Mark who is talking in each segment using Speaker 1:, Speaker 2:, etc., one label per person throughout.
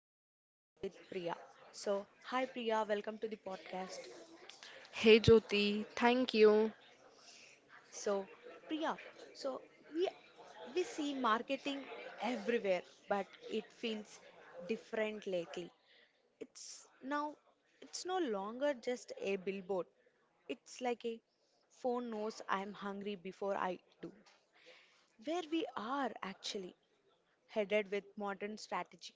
Speaker 1: Jyoti. Today I'm with Priya. Hi Priya, welcome to the podcast.
Speaker 2: Hey Jyoti, thank you.
Speaker 1: So, Priya, so we we see marketing everywhere, but it feels different lately. It's now it's no longer just a billboard. It's like a phone knows I'm hungry before I do. Where we are actually headed with modern strategy.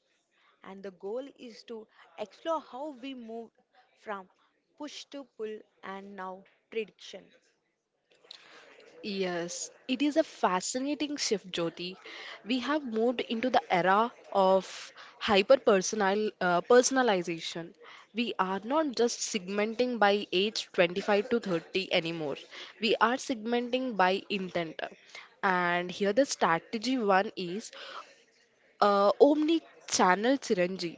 Speaker 1: And the goal is to explore how we move from push to pull and now prediction.
Speaker 2: Yes, it is a fascinating shift, Jyoti. We have moved into the era of hyper personalization. We are not just segmenting by age 25 to 30 anymore. We are segmenting by intent. And here the strategy one is omni channel syringe.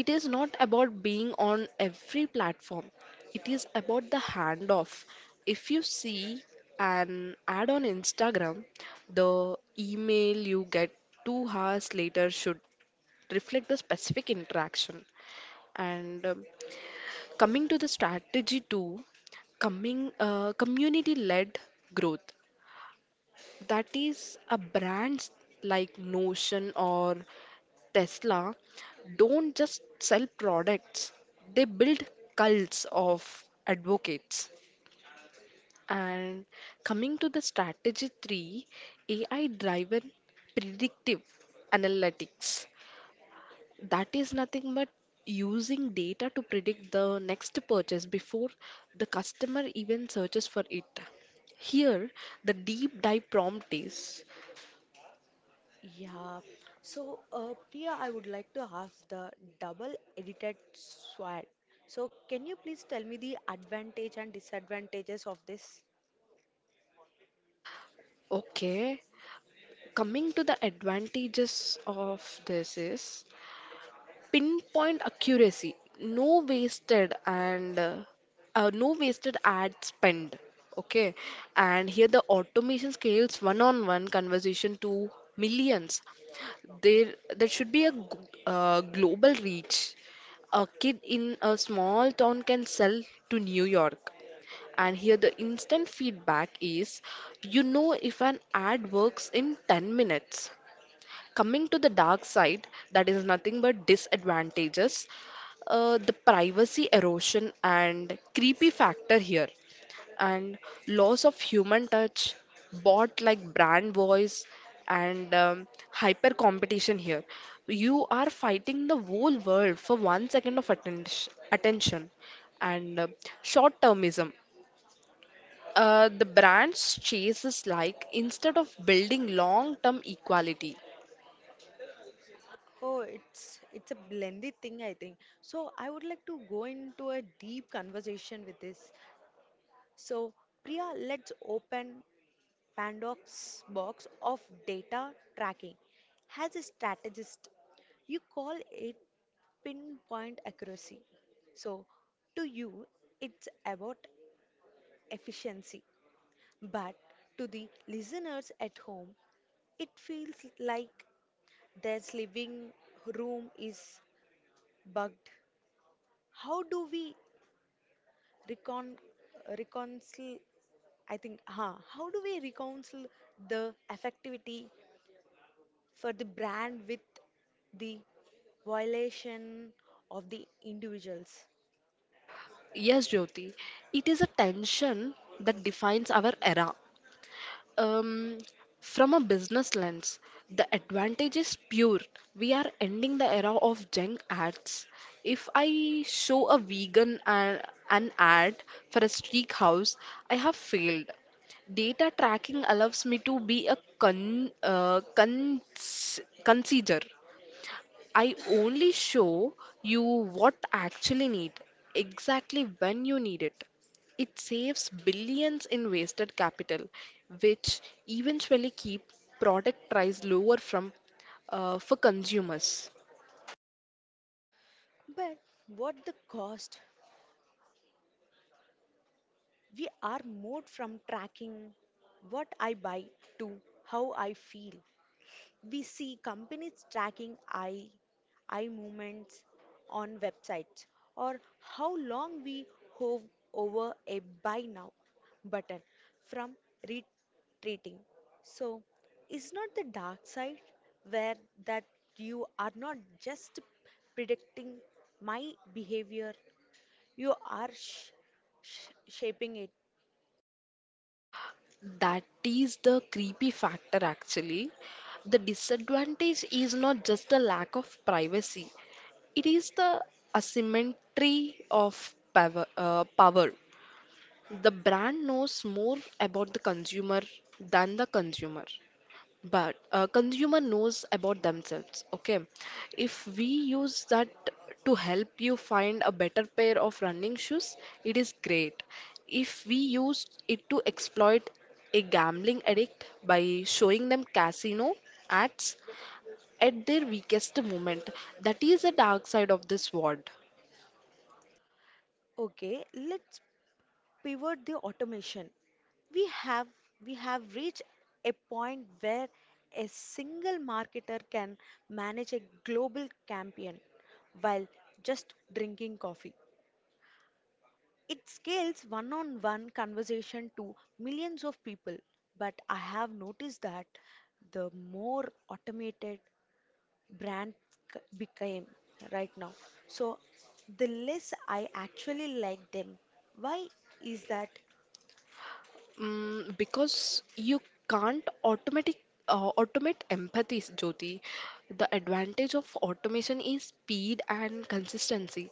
Speaker 2: It is not about being on every platform. It is about the handoff. If you see an ad on Instagram, the email you get 2 hours later should reflect the specific interaction. And coming to the strategy two, coming community-led growth. That is a brands like Notion or Tesla don't just sell products, they build cults of advocates. And coming to the strategy three, AI driven predictive analytics. That is nothing but using data to predict the next purchase before the customer even searches for it. Here, the deep dive prompt is.
Speaker 1: Yeah. So, Priya, I would like to ask the double edited sword. So, can you please tell me the advantage and disadvantages of this?
Speaker 2: Okay. Coming to the advantages of this is pinpoint accuracy, no wasted ad spend. Okay, and here the automation scales one-on-one conversation to millions. There should be a global reach. A kid in a small town can sell to New York. And here the instant feedback is you know if an ad works in 10 minutes. Coming to the dark side, that is nothing but disadvantages, the privacy erosion and creepy factor here, and loss of human touch, bot like brand voice, and hyper competition here. You are fighting the whole world for 1 second of attention and short termism. The brands chases like instead of building long term equality.
Speaker 1: Oh, it's a blended thing, I think. So, I would like to go into a deep conversation with this. So, Priya, let's open Pandox box of data tracking has a strategist. You call it pinpoint accuracy. So, to you, it's about efficiency. But to the listeners at home, it feels like their living room is bugged. How do we recon Reconcile? I think, How do we reconcile the effectivity for the brand with the violation of the individuals.
Speaker 2: Yes, Jyoti. It is a tension that defines our era. Um, from a business lens, the advantage is pure. We are ending the era of junk ads. If I show a vegan an ad for a steakhouse, I have failed. Data tracking allows me to be a consider. I only show you what actually need, exactly when you need it. It saves billions in wasted capital, which eventually keep product price lower from for consumers.
Speaker 1: But what the cost? We are moved from tracking what I buy to how I feel. We see companies tracking eye movements on websites or how long we hover over a buy now button from retreating. So, is not the dark side where that you are not just predicting my behavior, you are shaping it.
Speaker 2: That is the creepy factor actually. The disadvantage is not just the lack of privacy, it is the asymmetry of power. The brand knows more about the consumer than the consumer, but consumer knows about themselves. Okay, if we use that to help you find a better pair of running shoes, it is great. If we use it to exploit a gambling addict by showing them casino ads at their weakest moment, that is the dark side of this world.
Speaker 1: Okay, let's pivot the automation. We have we have reached a point where a single marketer can manage a global campaign while just drinking coffee. It scales one-on-one conversation to millions of people, but I have noticed that the more automated brand became right now, so the less I actually like them. Why is that?
Speaker 2: Mm, because you can't automatic automate empathy, Jyoti. The advantage of automation is speed and consistency.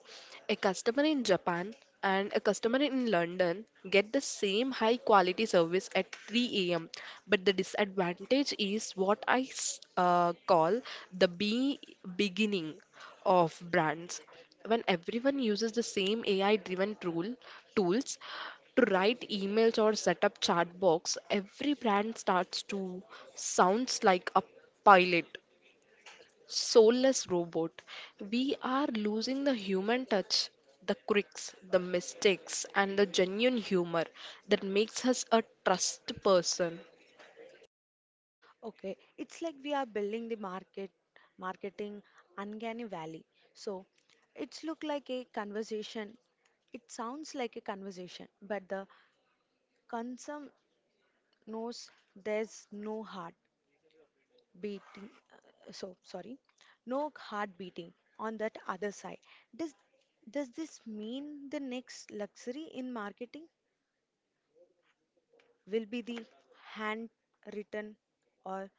Speaker 2: A customer in Japan and a customer in London get the same high quality service at 3 a.m. But the disadvantage is what I call the be beginning of brands when everyone uses the same AI driven tools to write emails or set up chat box, every brand starts to sounds like a pilot, soulless robot. We are losing the human touch, the quirks, the mistakes, and the genuine humor that makes us a trust person.
Speaker 1: Okay, it's like we are building the marketing uncanny valley. So it's look like a conversation. It sounds like a conversation, but the consumer knows there's no heart beating. No heart beating on that other side. Does does this mean the next luxury in marketing will be the handwritten or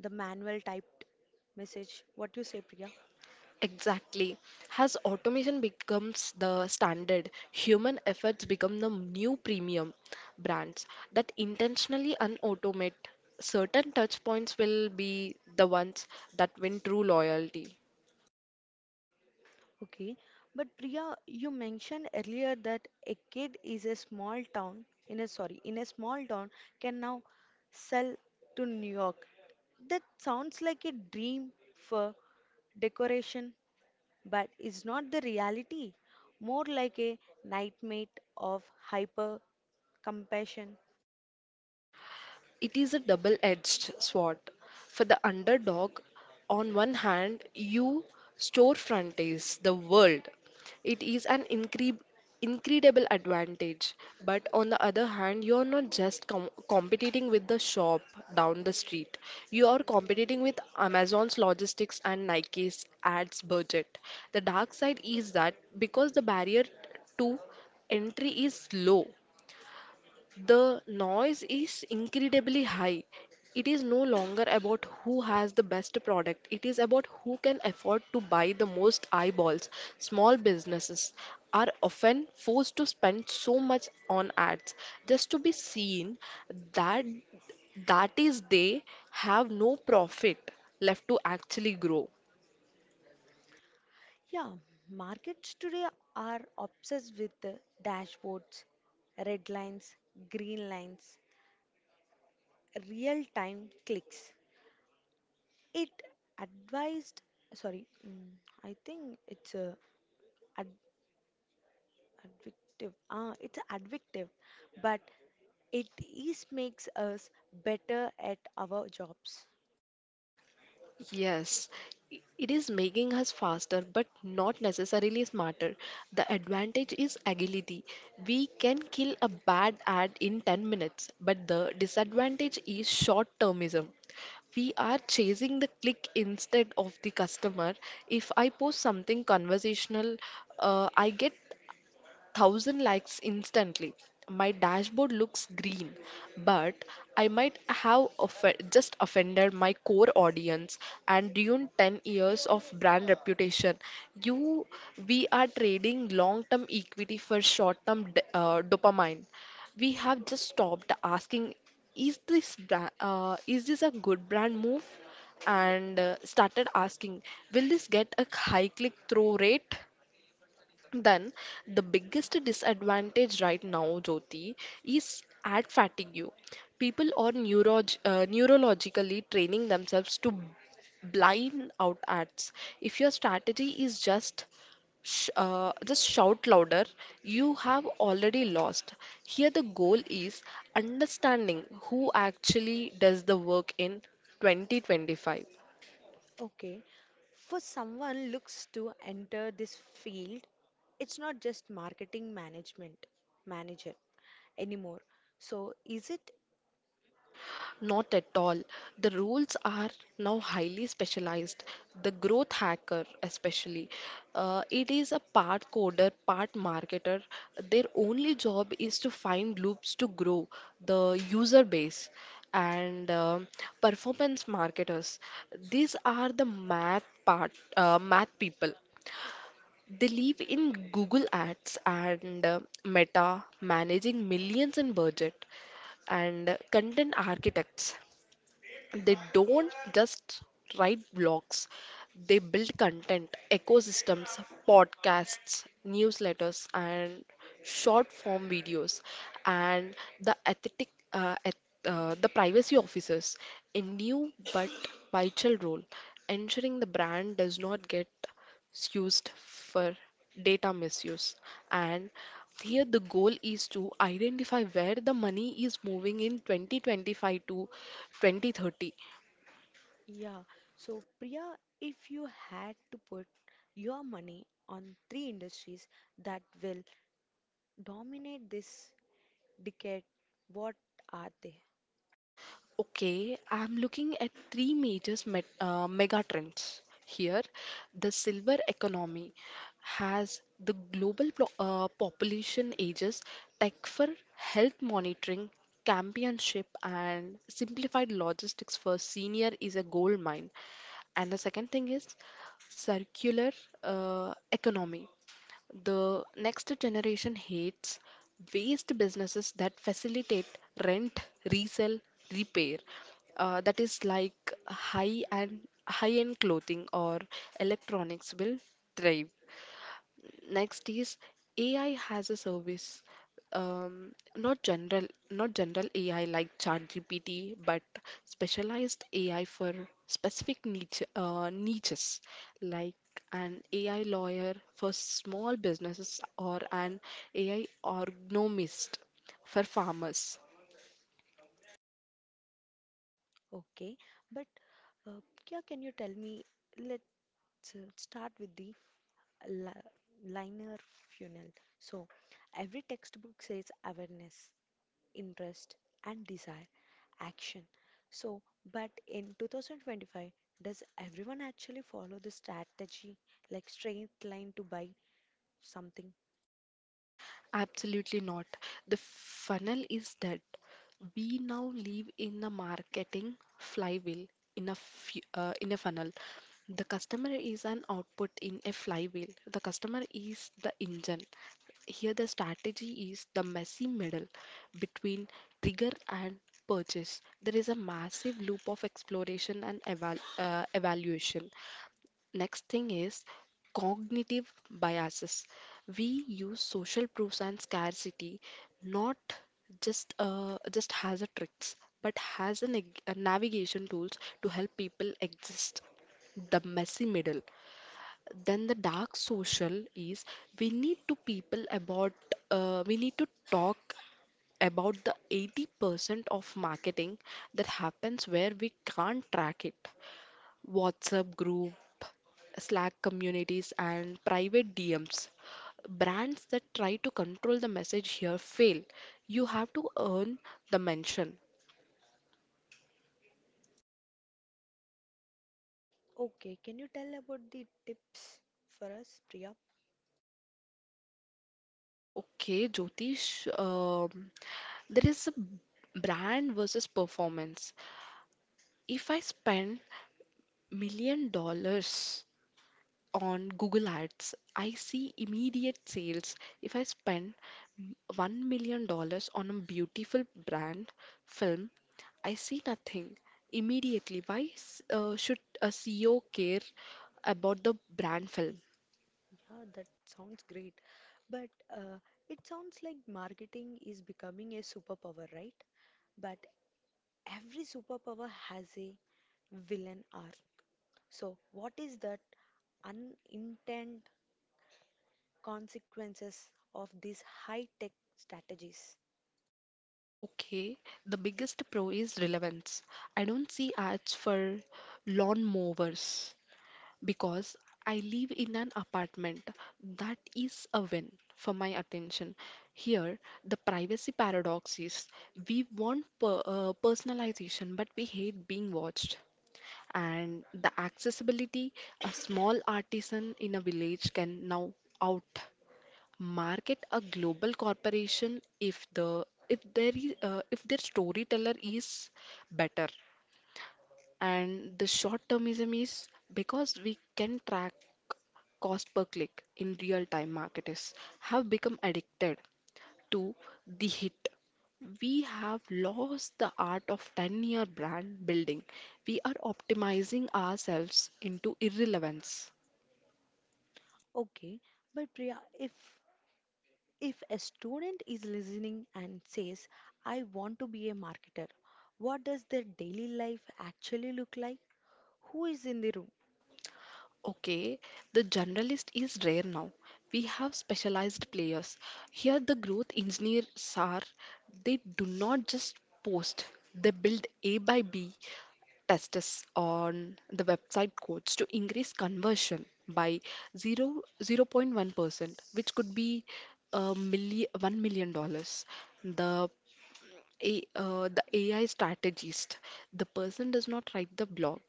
Speaker 1: the manual typed message? What do you say, Priya?
Speaker 2: Exactly. Has automation becomes the standard, human efforts become the new premium brands that intentionally unautomate. Certain touch points will be the ones that win true loyalty.
Speaker 1: Okay, but Priya, you mentioned earlier that a kid is a small town in a sorry, in a small town can now sell to New York. That sounds like a dream for decoration, but is not the reality. More like a nightmare of hyper compassion.
Speaker 2: It is a double edged sword. For the underdog, on one hand, you storefront is the world. It is an incredible advantage. But on the other hand, you are not just competing with the shop down the street, you are competing with Amazon's logistics and Nike's ads budget. The dark side is that because the barrier to entry is low the noise is incredibly high. It is no longer about who has the best product, it is about who can afford to buy the most eyeballs. Small businesses are often forced to spend so much on ads just to be seen that that is they have no profit left to actually grow.
Speaker 1: Yeah, markets today are obsessed with the dashboards, red lines, green lines, real time clicks. It advised, sorry, mm, I think it's ad, addictive. It's addictive, but it is makes us better at our jobs.
Speaker 2: Yes, it is making us faster but not necessarily smarter. The advantage is agility. We can kill a bad ad in 10 minutes, but the disadvantage is short-termism. We are chasing the click instead of the customer. If I post something conversational, I get thousand likes instantly. My dashboard looks green, but I might have just offended my core audience and ruined 10 years of brand reputation. You, we are trading long-term equity for short-term dopamine. We have just stopped asking, is this a good brand move? And started asking, will this get a high click-through rate? Then, the biggest disadvantage right now, Jyoti, is ad fatigue. People are neurologically training themselves to blind out ads. If your strategy is just just shout louder, you have already lost. Here, the goal is understanding who actually does the work in 2025.
Speaker 1: Okay, for someone looks to enter this field, it's not just marketing management manager anymore. So is it?
Speaker 2: Not at all. The roles are now highly specialized. The growth hacker, especially, it is a part coder, part marketer. Their only job is to find loops to grow the user base and performance marketers. These are the math math people. They live in Google Ads and Meta, managing millions in budget and content architects. They don't just write blogs, they build content, ecosystems, podcasts, newsletters, and short form videos. And the ethic, uh, eth- the privacy officers, a new but vital role, ensuring the brand does not get used for data misuse. And here the goal is to identify where the money is moving in 2025 to 2030.
Speaker 1: Yeah. So Priya, if you had to put your money on three industries that will dominate this decade, what are they?
Speaker 2: Okay, I'm looking at three major mega trends here. The silver economy has the global population ages, tech for health monitoring, championship, and simplified logistics for senior is a gold mine. And the second thing is circular economy. The next generation hates waste businesses that facilitate rent, resell, repair. That is like high and high-end clothing or electronics will thrive. Next is AI has a service, not general AI like ChatGPT, but specialized AI for specific niches, like an AI lawyer for small businesses or an AI agronomist for farmers.
Speaker 1: Okay, but uh, yeah, can you tell me? Let's start with the li- liner funnel. So, every textbook says awareness, interest, and desire, action. So, but in 2025, does everyone actually follow the strategy like straight line to buy something?
Speaker 2: Absolutely not. The funnel is dead. We now live in a marketing flywheel in a funnel. The customer is an output in a flywheel. The customer is the engine. Here the strategy is the messy middle between trigger and purchase. There is a massive loop of exploration and evaluation. Next thing is cognitive biases. We use social proofs and scarcity not just as a tricks, but as a navigation tools to help people exist. The messy middle. Then the dark social is we need to people about we need to talk about the 80% of marketing that happens where we can't track it. WhatsApp group, Slack communities, and private DMs. Brands that try to control the message here fail. You have to earn the mention.
Speaker 1: Okay, can you tell about the tips for us, Priya?
Speaker 2: Okay, Jyotish, there is a brand versus performance. If I spend million dollars on Google Ads, I see immediate sales. If I spend $1 million dollars on a beautiful brand film, I see nothing immediately. Why should a CEO care about the brand film?
Speaker 1: Yeah, that sounds great. But uh, it sounds like marketing is becoming a superpower, right? But every superpower has a villain arc. So, what is that unintended consequences of these high-tech strategies?
Speaker 2: Okay, the biggest pro is relevance. I don't see ads for lawn mowers. Because I live in an apartment, that is a win for my attention. Here, the privacy paradox is we want personalization, but we hate being watched. And the accessibility a small artisan in a village can now out market a global corporation if their storyteller is better and the short termism is because we can track cost per click in real time, marketers have become addicted to the hit. We have lost the art of 10-year brand building. We are optimizing ourselves into irrelevance.
Speaker 1: Okay, but Priya, if a student is listening and says, "I want to be a marketer," what does their daily life actually look like? Who is in the room?
Speaker 2: Okay, the generalist is rare now. We have specialized players. Here, the growth engineers are, they do not just post, they build A by B tests on the website codes to increase conversion by zero zero point 1%, which could be $1 million dollars. The the AI strategist. The person does not write the blog,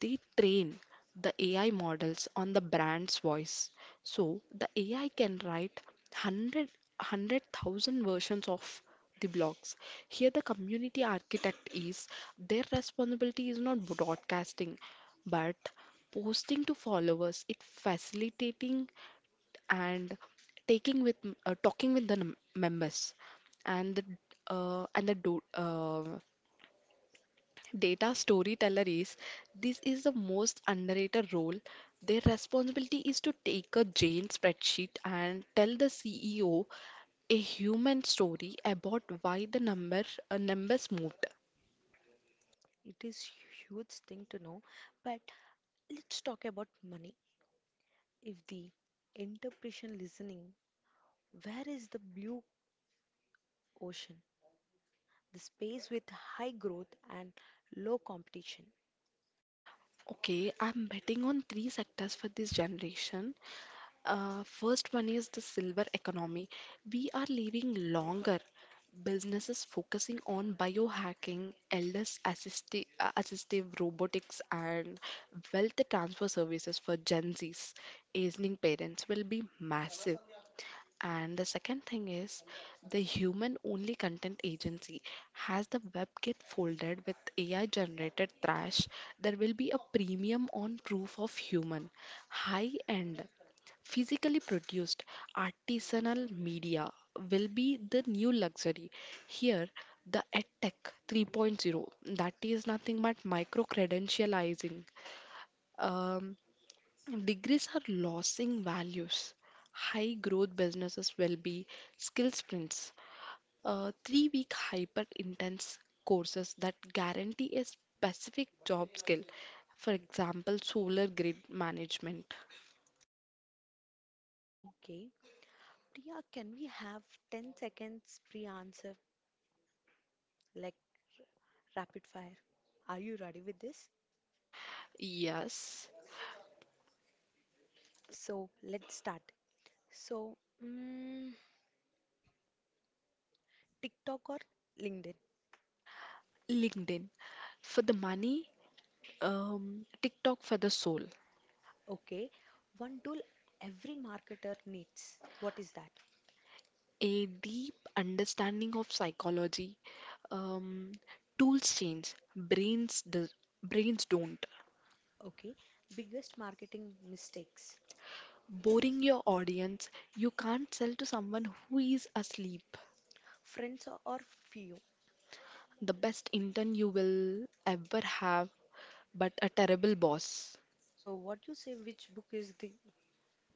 Speaker 2: they train the AI models on the brand's voice. So the AI can write hundred hundred thousand versions of the blogs. Here, the community architect is their responsibility is not broadcasting but posting to followers, it facilitating and taking talking with members and the and the do, data storyteller is this is the most underrated role their responsibility is to take a jane spreadsheet and tell the CEO a human story about why the numbers moved.
Speaker 1: It is huge thing to know, but let's talk about money. If the interpretation listening, where is the blue ocean? The space with high growth and low competition.
Speaker 2: Okay, I'm betting on three sectors for this generation. First one is the silver economy. We are living longer. Businesses focusing on biohacking, elders assistive robotics, and wealth transfer services for Gen Z's. Aging parents will be massive. And the second thing is the human only content agency. Has the web get folded with AI generated trash, there will be a premium on proof of human, high end, physically produced artisanal media will be the new luxury. Here, the EdTech 3.0, that is nothing but micro credentializing. Degrees are losing values. High growth businesses will be skill sprints, 3 week hyper intense courses that guarantee a specific job skill. For example, solar grid management.
Speaker 1: Okay, Priya, can we have 10 seconds pre-answer like rapid fire? Are you ready with this?
Speaker 2: Yes,
Speaker 1: So let's start. So, mm, TikTok or LinkedIn?
Speaker 2: LinkedIn for the money, TikTok for the soul.
Speaker 1: Okay, one tool every marketer needs. What is that?
Speaker 2: A deep understanding of psychology. Um, Tools change, brains don't.
Speaker 1: Okay, biggest marketing mistakes.
Speaker 2: Boring your audience. You can't sell to someone who is asleep.
Speaker 1: Friends or few.
Speaker 2: The best intern you will ever have, but a terrible boss.
Speaker 1: So, what you say, which book is the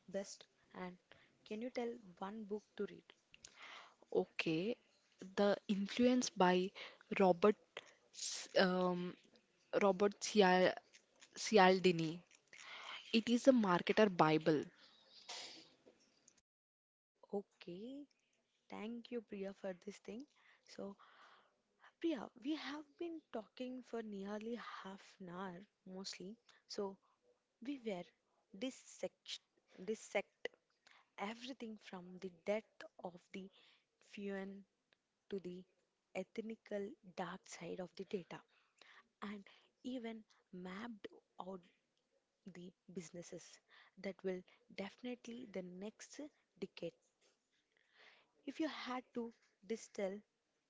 Speaker 1: best? And can you tell one book to read?
Speaker 2: Okay, the influence by Robert S- um, Robert Cial- Cialdini. It is a marketer bible.
Speaker 1: Okay, thank you, Priya, for this thing. So, Priya, we have been talking for nearly half an hour mostly. So, we were dissect, dissect everything from the depth of the fuel to the ethnical dark side of the data, and even mapped out the businesses that will definitely the next decade. If you had to distill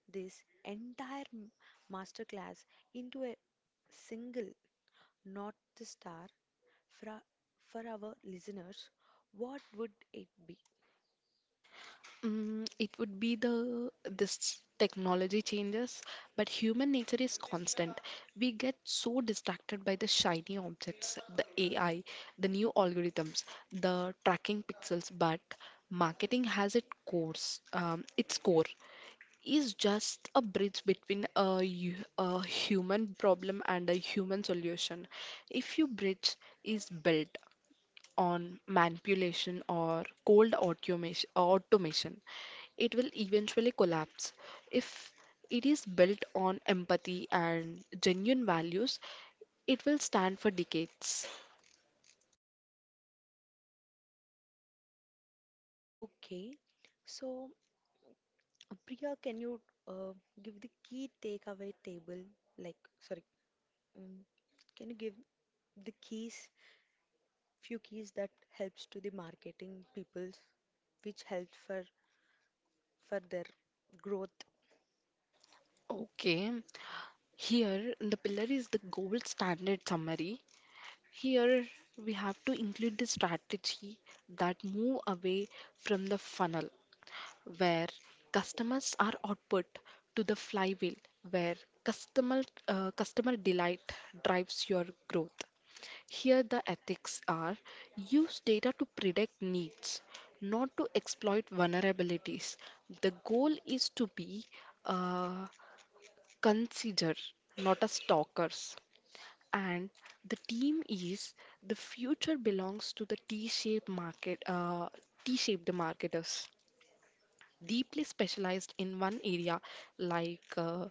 Speaker 1: this entire masterclass into a single North Star for, for our listeners, what would it be?
Speaker 2: Mm, it would be the this technology changes, but human nature is constant. We get so distracted by the shiny objects, the AI, the new algorithms, the tracking pixels, but marketing has its course, its core is just a bridge between a human problem and a human solution. If you bridge is built, on manipulation or cold automation, automation, it will eventually collapse. If it is built on empathy and genuine values, it will stand for decades.
Speaker 1: Okay, so, Priya, can you uh, give the key takeaway table? Like, sorry, mm, can you give the keys few keys that helps to the marketing people which helps for their growth.
Speaker 2: Okay, here the pillar is the gold standard summary. Here we have to include the strategy that move away from the funnel, where customers are output to the flywheel, where customer customer delight drives your growth. Here the ethics are use data to predict needs, not to exploit vulnerabilities. The goal is to be a consider, not a stalkers. And the team is the future belongs to the T-shaped marketers deeply specialized in one area like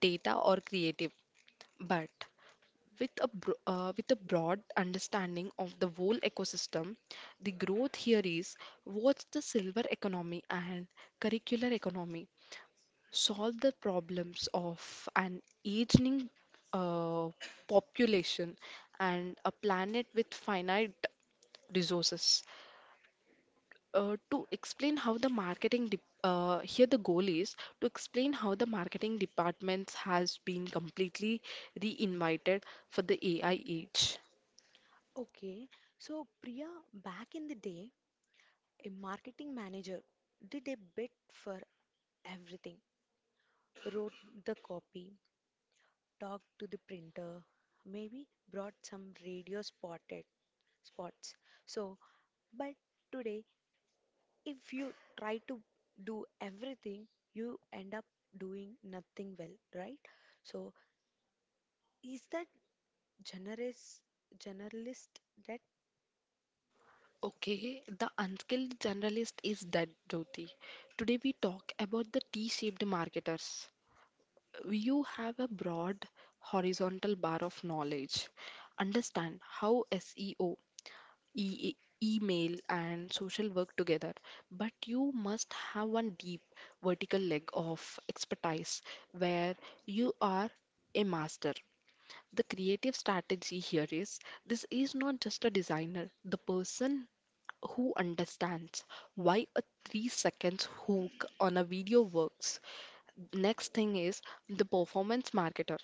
Speaker 2: data or creative, but with a broad understanding of the whole ecosystem. The growth here is what's the silver economy and curricular economy solve the problems of an aging uh, population and a planet with finite resources to explain how the marketing de- here the goal is to explain how the marketing departments has been completely reinvited for the AI age.
Speaker 1: Okay, so Priya, back in the day, a marketing manager did a bit for everything. Wrote the copy, talked to the printer, maybe brought some radio spotted spots. So, but today, if you try to do everything, you end up doing nothing well, right? So, is that Generous generalist that
Speaker 2: Okay, the unskilled generalist is dead, Jyoti. Today we talk about the T-shaped marketers. You have a broad horizontal bar of knowledge. Understand how SEO e- e, email and social work together, but you must have one deep vertical leg of expertise where you are a master. The creative strategy here is this is not just a designer, the person who understands why a 3 seconds hook on a video works. Next thing is the performance marketer.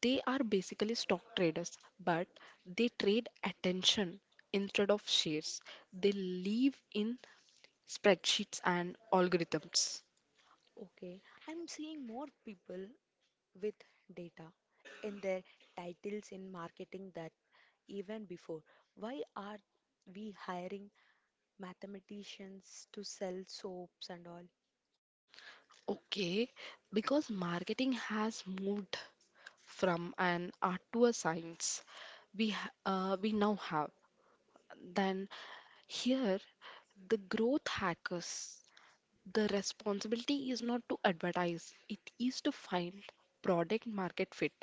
Speaker 2: They are basically stock traders, but they trade attention instead of shares. They live in spreadsheets and algorithms.
Speaker 1: okay, I'm seeing more people with data in their titles in marketing that even before. Why are we hiring mathematicians to sell soaps and all?
Speaker 2: Okay, because marketing has moved from an art to a science. We now have. Then here, the growth hackers. The responsibility is not to advertise, it is to find product market fit.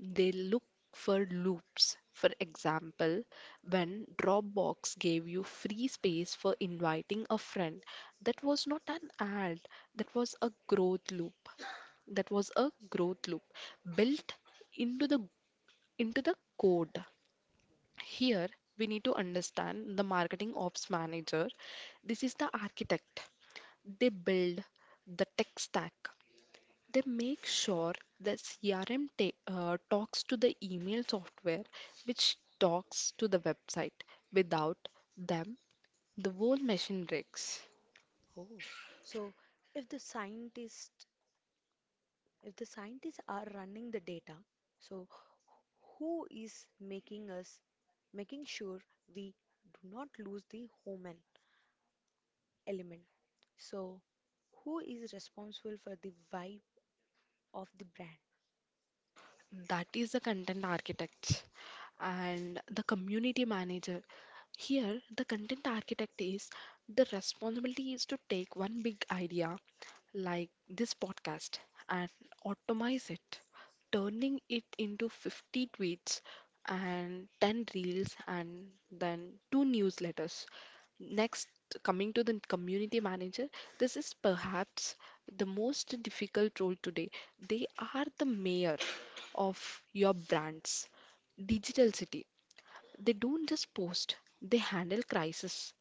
Speaker 2: They look for loops. For example, when Dropbox gave you free space for inviting a friend, that was not an ad, that was a growth loop. That was a growth loop built into the into the code. Here, we need to understand the marketing ops manager. This is the architect. They build the tech stack. They make sure the CRM talks to the email software, which talks to the website. Without them, the whole machine breaks.
Speaker 1: Oh, so if the scientists if the scientists are running the data, so who is making sure we do not lose the human element. So, who is responsible for the vibe of the brand?
Speaker 2: That is the content architect and the community manager. Here, the content architect is the responsibility is to take one big idea like this podcast and optimize it, turning it into 50 tweets and 10 reels and then two newsletters. Next, coming to the community manager, this is perhaps the most difficult role today. They are the mayor of your brands. Digital City. They don't just post, they handle crisis.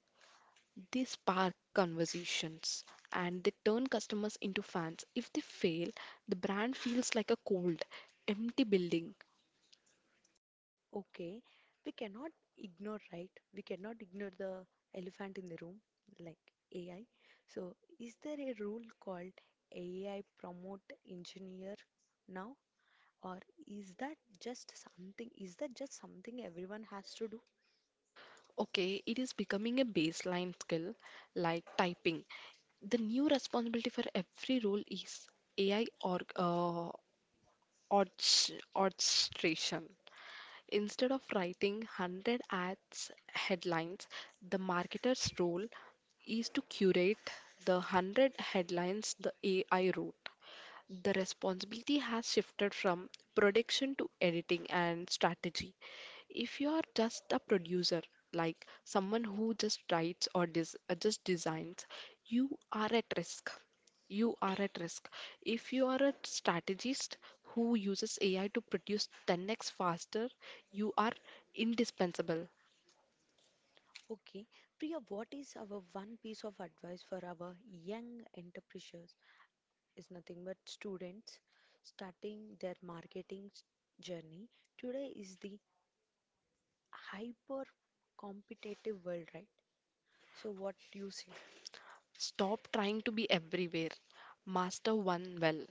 Speaker 2: They spark conversations and they turn customers into fans. If they fail, the brand feels like a cold, empty building.
Speaker 1: Okay, we cannot ignore, right? We cannot ignore the elephant in the room, like AI. So, is there a rule called AI promote engineer now? Or is that just something? Is that just something everyone has to do?
Speaker 2: Okay, it is becoming a baseline skill like typing. The new responsibility for every role is AI or orchestration. Instead of writing 100 ads headlines, the marketer's role is to curate the 100 headlines the AI wrote. The responsibility has shifted from production to editing and strategy. If you are just a producer, like someone who just writes or just designs, you are at risk. You are at risk. If you are a strategist who uses AI to produce 10x faster, you are indispensable.
Speaker 1: Okay, Priya, what is our one piece of advice for our young entrepreneurs is nothing but students starting their marketing journey. Today is the hyper competitive world, right? So, what you say?
Speaker 2: Stop trying to be everywhere. Master one well.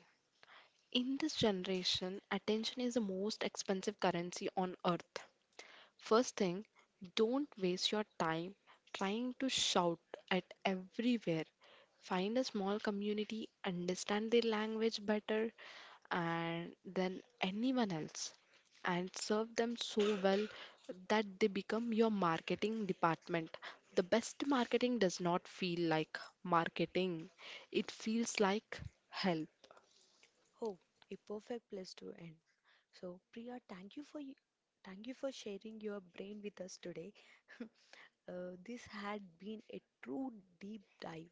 Speaker 2: In this generation, attention is the most expensive currency on earth. First thing, don't waste your time trying to shout at everywhere. Find a small community, understand their language better and than anyone else, and serve them so well that they become your marketing department. The best marketing does not feel like marketing, it feels like help.
Speaker 1: Oh, a perfect place to end. So, Priya, thank you for sharing your brain with us today. This had been a true deep dive.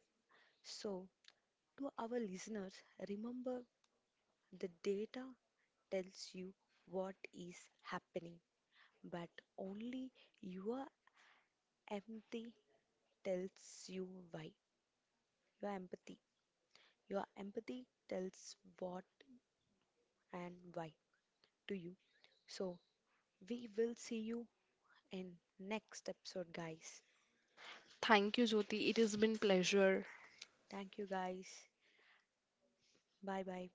Speaker 1: So, to our listeners, remember the data tells you what is happening, but only your empathy tells you why. Your empathy. Your empathy tells what and why to you. So we will see you in next episode guys.
Speaker 2: Thank you, Jyoti. It has been pleasure.
Speaker 1: Thank you guys. Bye bye.